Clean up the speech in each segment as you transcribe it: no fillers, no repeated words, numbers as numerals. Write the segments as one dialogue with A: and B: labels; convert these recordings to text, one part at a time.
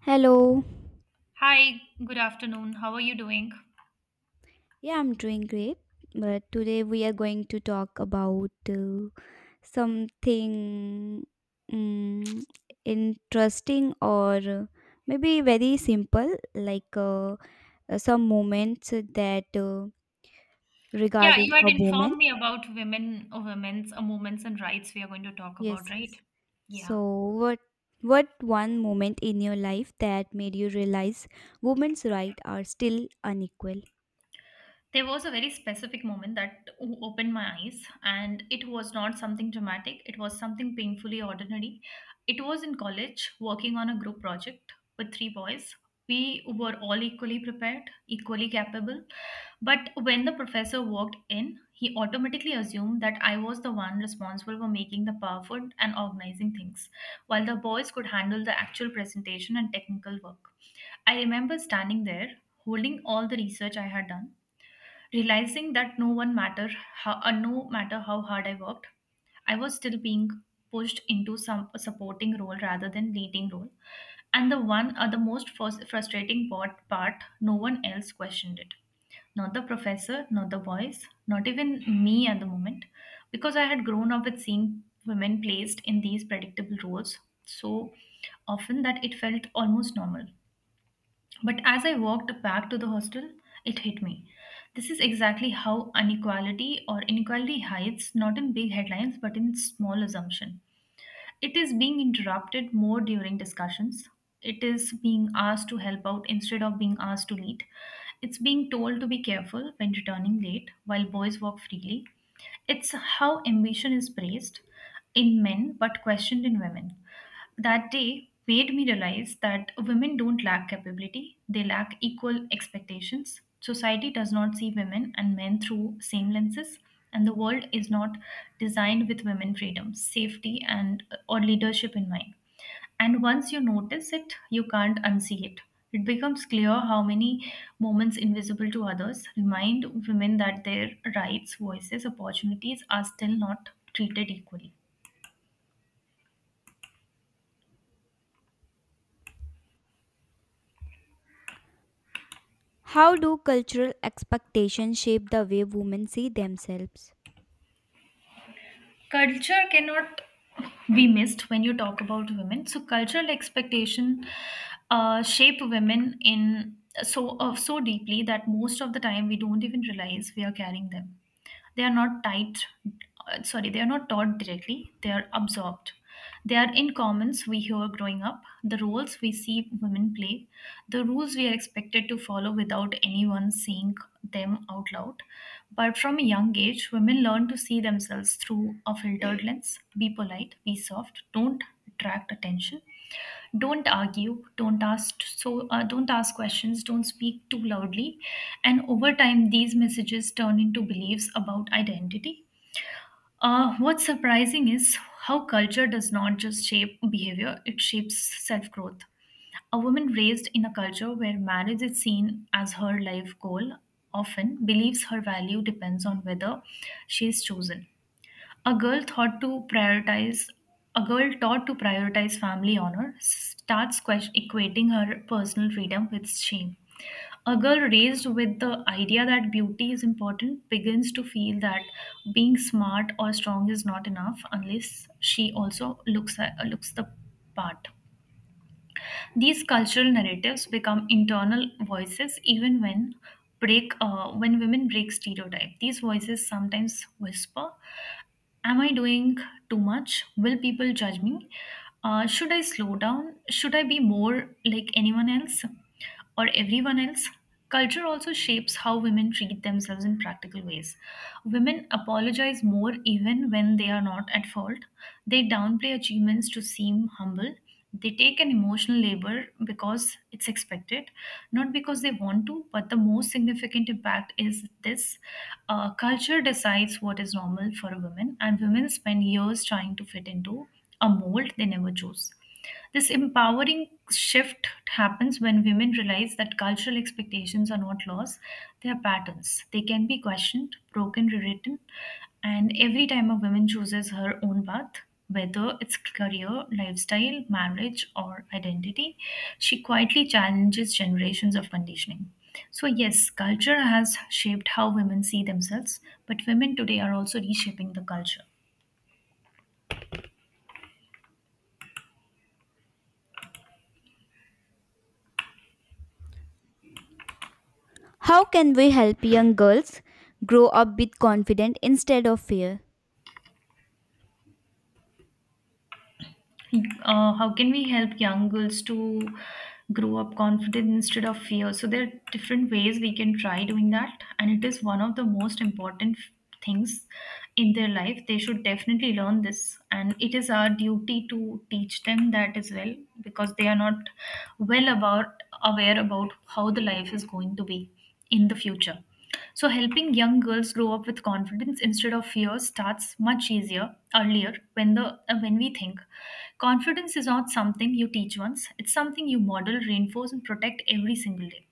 A: Hello.
B: Hi, good afternoon. How are you doing?
A: Yeah, I'm doing great. But today we are going to talk about something mm, interesting or maybe very simple, like some moments that
B: Yeah,
A: regarding
B: you
A: a
B: had
A: woman.
B: informed me about women or women's movements and rights we are going to talk about,
A: Yes,
B: right?
A: yes.
B: Yeah.
A: So what what one moment in your life that made you realize women's rights are still unequal?
B: There was a very specific moment that opened my eyes, and it was not something dramatic. It was something painfully ordinary. It was in college, working on a group project with three boys. We were all equally prepared, equally capable. But when the professor walked in, he automatically assumed that I was the one responsible for making the PowerPoint and organizing things, while the boys could handle the actual presentation and technical work. I remember standing there, holding all the research I had done, realizing that no matter how hard I worked, I was still being pushed into some a supporting role rather than leading role. And the most frustrating part, no one else questioned it. Not the professor, not the boys, not even me at the moment, because I had grown up with seeing women placed in these predictable roles so often that it felt almost normal. But as I walked back to the hostel, it hit me. This is exactly how inequality hides, not in big headlines but in small assumption. It is being interrupted more during discussions. It is being asked to help out instead of being asked to lead. It's being told to be careful when returning late while boys walk freely. It's how ambition is praised in men but questioned in women. That day made me realize that women don't lack capability, they lack equal expectations. Society does not see women and men through same lenses, and the world is not designed with women freedom, safety, and or leadership in mind. And once you notice it, you can't unsee it. It becomes clear how many moments invisible to others remind women that their rights, voices, opportunities are still not treated equally.
A: How do cultural expectations shape the way women see themselves?
B: Culture cannot be missed when you talk about women. So cultural expectation shape women in so deeply that most of the time we don't even realize we are carrying them. They are not tight, sorry, they are not taught directly, they are absorbed. They are in commons we hear growing up, the roles we see women play, the rules we are expected to follow without anyone saying them out loud. But from a young age, women learn to see themselves through a filtered lens: be polite, be soft, don't attract attention, don't argue don't ask questions, don't speak too loudly. And over time these messages turn into beliefs about identity. What's surprising is how culture does not just shape behavior, it shapes self-growth. A woman raised in a culture where marriage is seen as her life goal often believes her value depends on whether she is chosen. a girl thought to prioritize a girl taught to prioritize family honor starts equating her personal freedom with shame. A girl raised with the idea that beauty is important begins to feel that being smart or strong is not enough unless she also looks the part. These cultural narratives become internal voices even when women break stereotype. These voices sometimes whisper, "Am I doing too much? Will people judge me? Should I slow down? Should I be more like anyone else?" Or everyone else. Culture also shapes how women treat themselves in practical ways. Women apologize more even when they are not at fault. They downplay achievements to seem humble. They take an emotional labor because it's expected, not because they want to. But the most significant impact is this. Culture decides what is normal for a woman, and women spend years trying to fit into a mold they never chose. This empowering shift happens when women realize that cultural expectations are not laws, they are patterns. They can be questioned, broken, rewritten, and every time a woman chooses her own path, whether it's career, lifestyle, marriage, or identity, she quietly challenges generations of conditioning. So, yes, culture has shaped how women see themselves, but women today are also reshaping the culture.
A: How can we help young girls grow up with confidence instead of fear?
B: How can we help young girls to grow up confident instead of fear? So there are different ways we can try doing that, and it is one of the most important things in their life. They should definitely learn this, and it is our duty to teach them that as well, because they are not well about aware about how the life is going to be in the future. So, helping young girls grow up with confidence instead of fear starts much easier earlier when we think confidence is not something you teach once; it's something you model, reinforce, and protect every single day.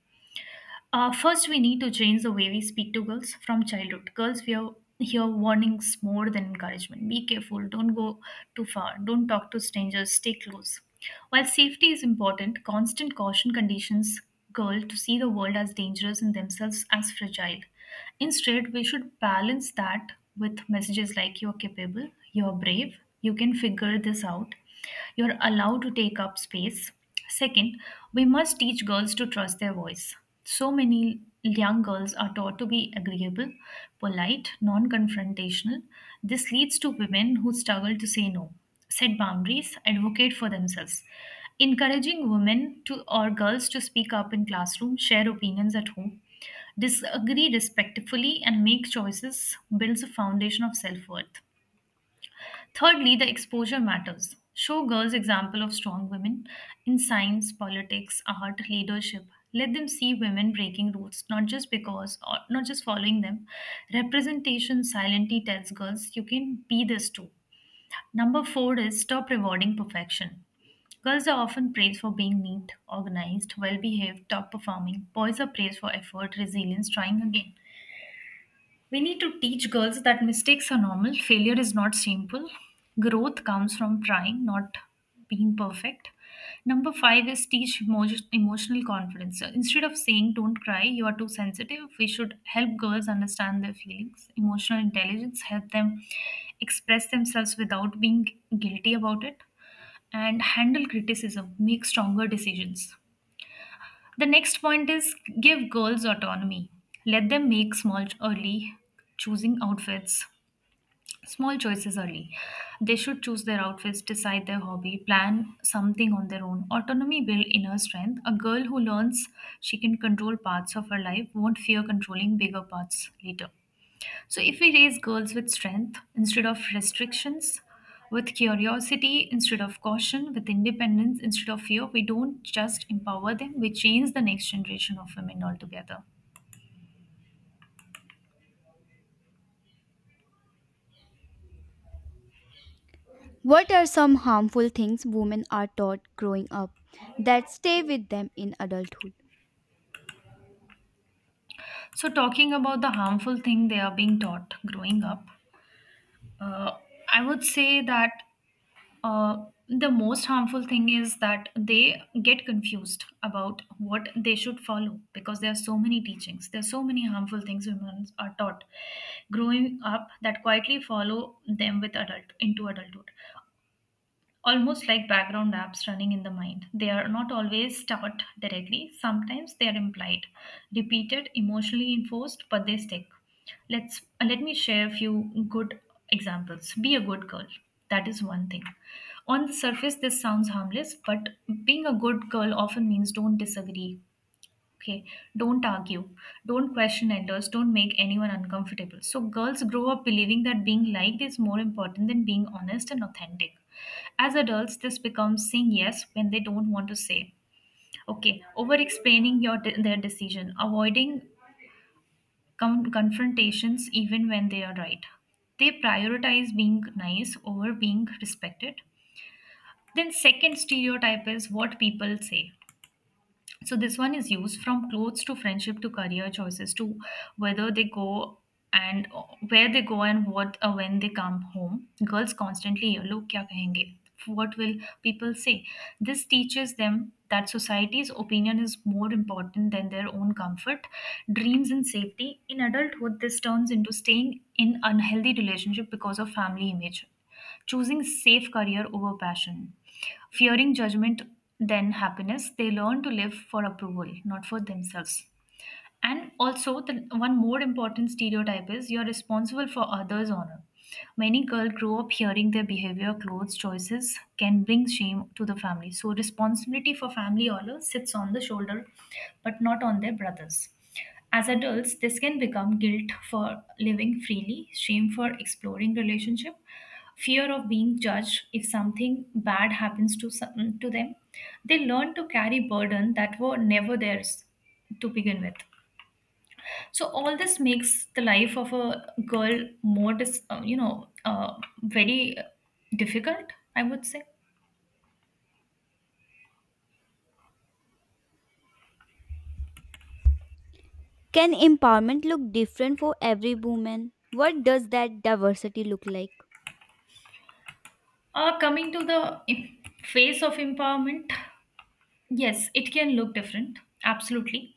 B: First, we need to change the way we speak to girls from childhood. Girls fear hear hear warnings more than encouragement. Be careful, don't go too far, don't talk to strangers, stay close. While safety is important, constant caution conditions girls to see the world as dangerous and themselves as fragile. Instead, we should balance that with messages like you're capable, you're brave, you can figure this out, you're allowed to take up space. Second, we must teach girls to trust their voice. So many young girls are taught to be agreeable, polite, non confrontational. This leads to women who struggle to say no, set boundaries, advocate for themselves. Encouraging women to or girls to speak up in classroom, share opinions at home, disagree respectfully, and make choices builds a foundation of self worth. Thirdly, the exposure matters. Show girls example of strong women in science, politics, art, leadership. Let them see women breaking rules, not just following them. Representation silently tells girls you can be this too. Number 4 is stop rewarding perfection. Girls are often praised for being neat, organized, well behaved, top performing. Boys are praised for effort, resilience, trying again. We need to teach girls that mistakes are normal, failure is not shameful, growth comes from trying, not being perfect. Number 5 is teach emotional confidence. So instead of saying don't cry, you are too sensitive, we should help girls understand their feelings. Emotional intelligence help them express themselves without being guilty about it, and handle criticism, make stronger decisions. The next point is give girls autonomy. Let them make early choosing outfits, small choices early. They should choose their outfits, decide their hobby, plan something on their own. Autonomy builds inner strength. A girl who learns she can control parts of her life won't fear controlling bigger parts later. So, if we raise girls with strength instead of restrictions, with curiosity instead of caution, with independence instead of fear, we don't just empower them, we change the next generation of women altogether.
A: What are some harmful things women are taught growing up that stay with them in adulthood?
B: So, talking about the harmful thing they are being taught growing up, uh, I would say that uh, the most harmful thing is that they get confused about what they should follow, because there are so many teachings. There are so many harmful things women are taught growing up that quietly follow them with adult into adulthood, almost like background apps running in the mind. They are not always taught directly, sometimes they are implied, repeated, emotionally enforced, but they stick. Let me share a few good examples. Be a good girl. That is one thing. On the surface, this sounds harmless, but being a good girl often means don't disagree, okay, don't argue, don't question elders, don't make anyone uncomfortable. So, girls grow up believing that being liked is more important than being honest and authentic. As adults, this becomes saying yes when they don't want to say. Okay, over explaining your their decision, avoiding confrontations even when they are right. They prioritize being nice over being respected. Then, second stereotype is what people say. So this one is used from clothes to friendship to career choices to whether they go and where they go and what when they come home. Girls constantly hear, "Log kya kahenge? What will people say?" This teaches them that society's opinion is more important than their own comfort, dreams, and safety. In adulthood, this turns into staying in unhealthy relationship because of family image, choosing safe career over passion, fearing judgment than happiness. They learn to live for approval, not for themselves. And also, the one more important stereotype is you're responsible for others' honor. Many girls grow up hearing their behavior, clothes choices can bring shame to the family. So, responsibility for family honor sits on the shoulder, but not on their brothers. As adults, this can become guilt for living freely, shame for exploring relationship, fear of being judged if something bad happens to them. They learn to carry burden that were never theirs to begin with. So all this makes the life of a girl more, very difficult, I would say.
A: Can empowerment look different for every woman? What does that diversity look like?
B: Coming to the phase of empowerment, yes, it can look different. Absolutely,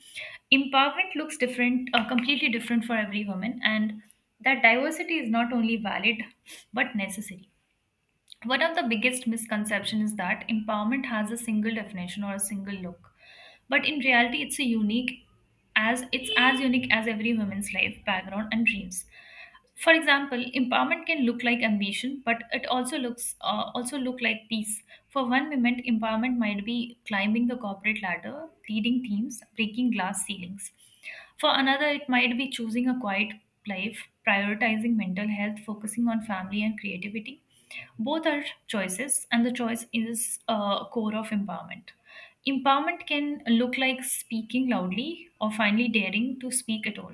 B: empowerment looks different, completely different for every woman, and that diversity is not only valid but necessary. One of the biggest misconceptions is that empowerment has a single definition or a single look. But in reality, it's a unique as it's as unique as every woman's life, background and dreams. For example, empowerment can look like ambition, but it also looks also look like peace. For one moment, empowerment might be climbing the corporate ladder, leading teams, breaking glass ceilings. For another, it might be choosing a quiet life, prioritizing mental health, focusing on family and creativity. Both are choices, and the choice is a core of empowerment. Empowerment can look like speaking loudly or finally daring to speak at all.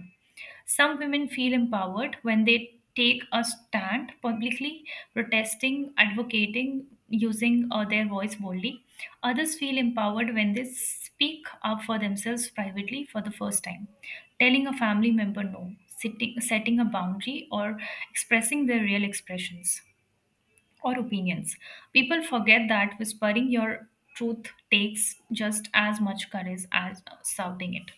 B: Some women feel empowered when they take a stand publicly, protesting, advocating, using their voice boldly. Others feel empowered when they speak up for themselves privately for the first time, telling a family member no, sitting, setting a boundary, or expressing their real expressions or opinions. People forget that whispering your truth takes just as much courage as shouting it.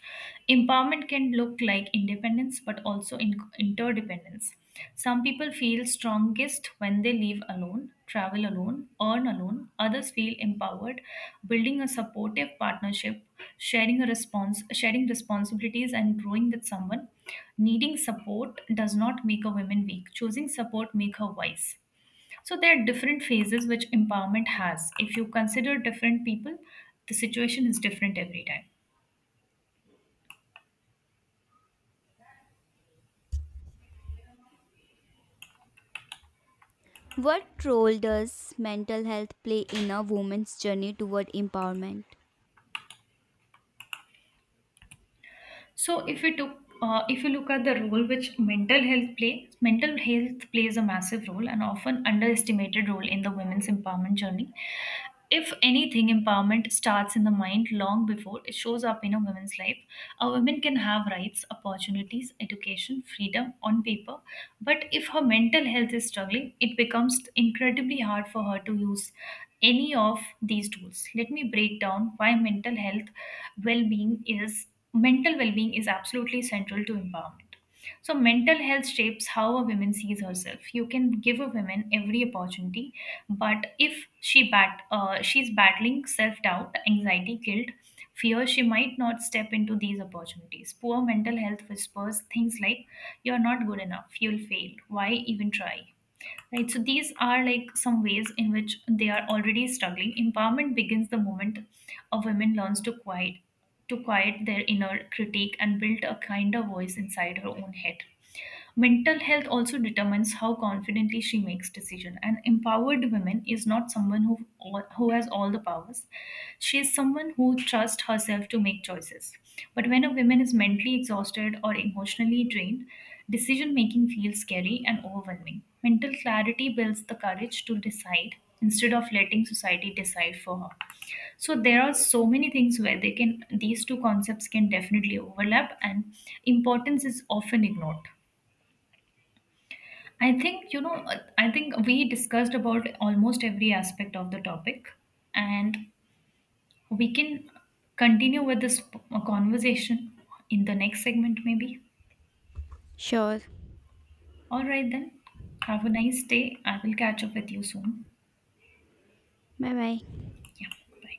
B: Empowerment can look like independence but also interdependence. Some people feel strongest when they live alone, travel alone, earn alone. Others feel empowered, building a supportive partnership, sharing a response, sharing responsibilities, and growing with someone. Needing support does not make a woman weak. Choosing support make her wise. So there are different phases which empowerment has. If you consider different people, the situation is different every time.
A: What role does mental health play in a woman's journey toward empowerment?
B: So if we took if you look at the role which mental health plays a massive role and often underestimated role in the women's empowerment journey. If anything, empowerment starts in the mind long before it shows up in a woman's life. A woman can have rights, opportunities, education, freedom on paper, but if her mental health is struggling, it becomes incredibly hard for her to use any of these tools. Let me break down why well being is mental well-being is absolutely central to empowerment. So mental health shapes how a woman sees herself. You can give a woman every opportunity, but if she's battling self-doubt, anxiety, guilt, fear, she might not step into these opportunities. Poor mental health whispers things like, "You're not good enough, you'll fail, why even try?" Right, so these are like some ways in which they are already struggling. Empowerment begins the moment a woman learns to quiet their inner critique and build a kinder voice inside her own head. Mental health also determines how confidently she makes decision. An empowered woman is not someone who has all the powers, she is someone who trusts herself to make choices. But when a woman is mentally exhausted or emotionally drained, decision making feels scary and overwhelming. Mental clarity builds the courage to decide instead of letting society decide for her. So there are so many things where they can these two concepts can definitely overlap, and importance is often ignored. I think I think we discussed about almost every aspect of the topic, and we can continue with this conversation in the next segment maybe.
A: Sure.
B: All right then. Have a nice day. I will catch up with you soon.
A: Bye bye.
B: Yeah. Bye.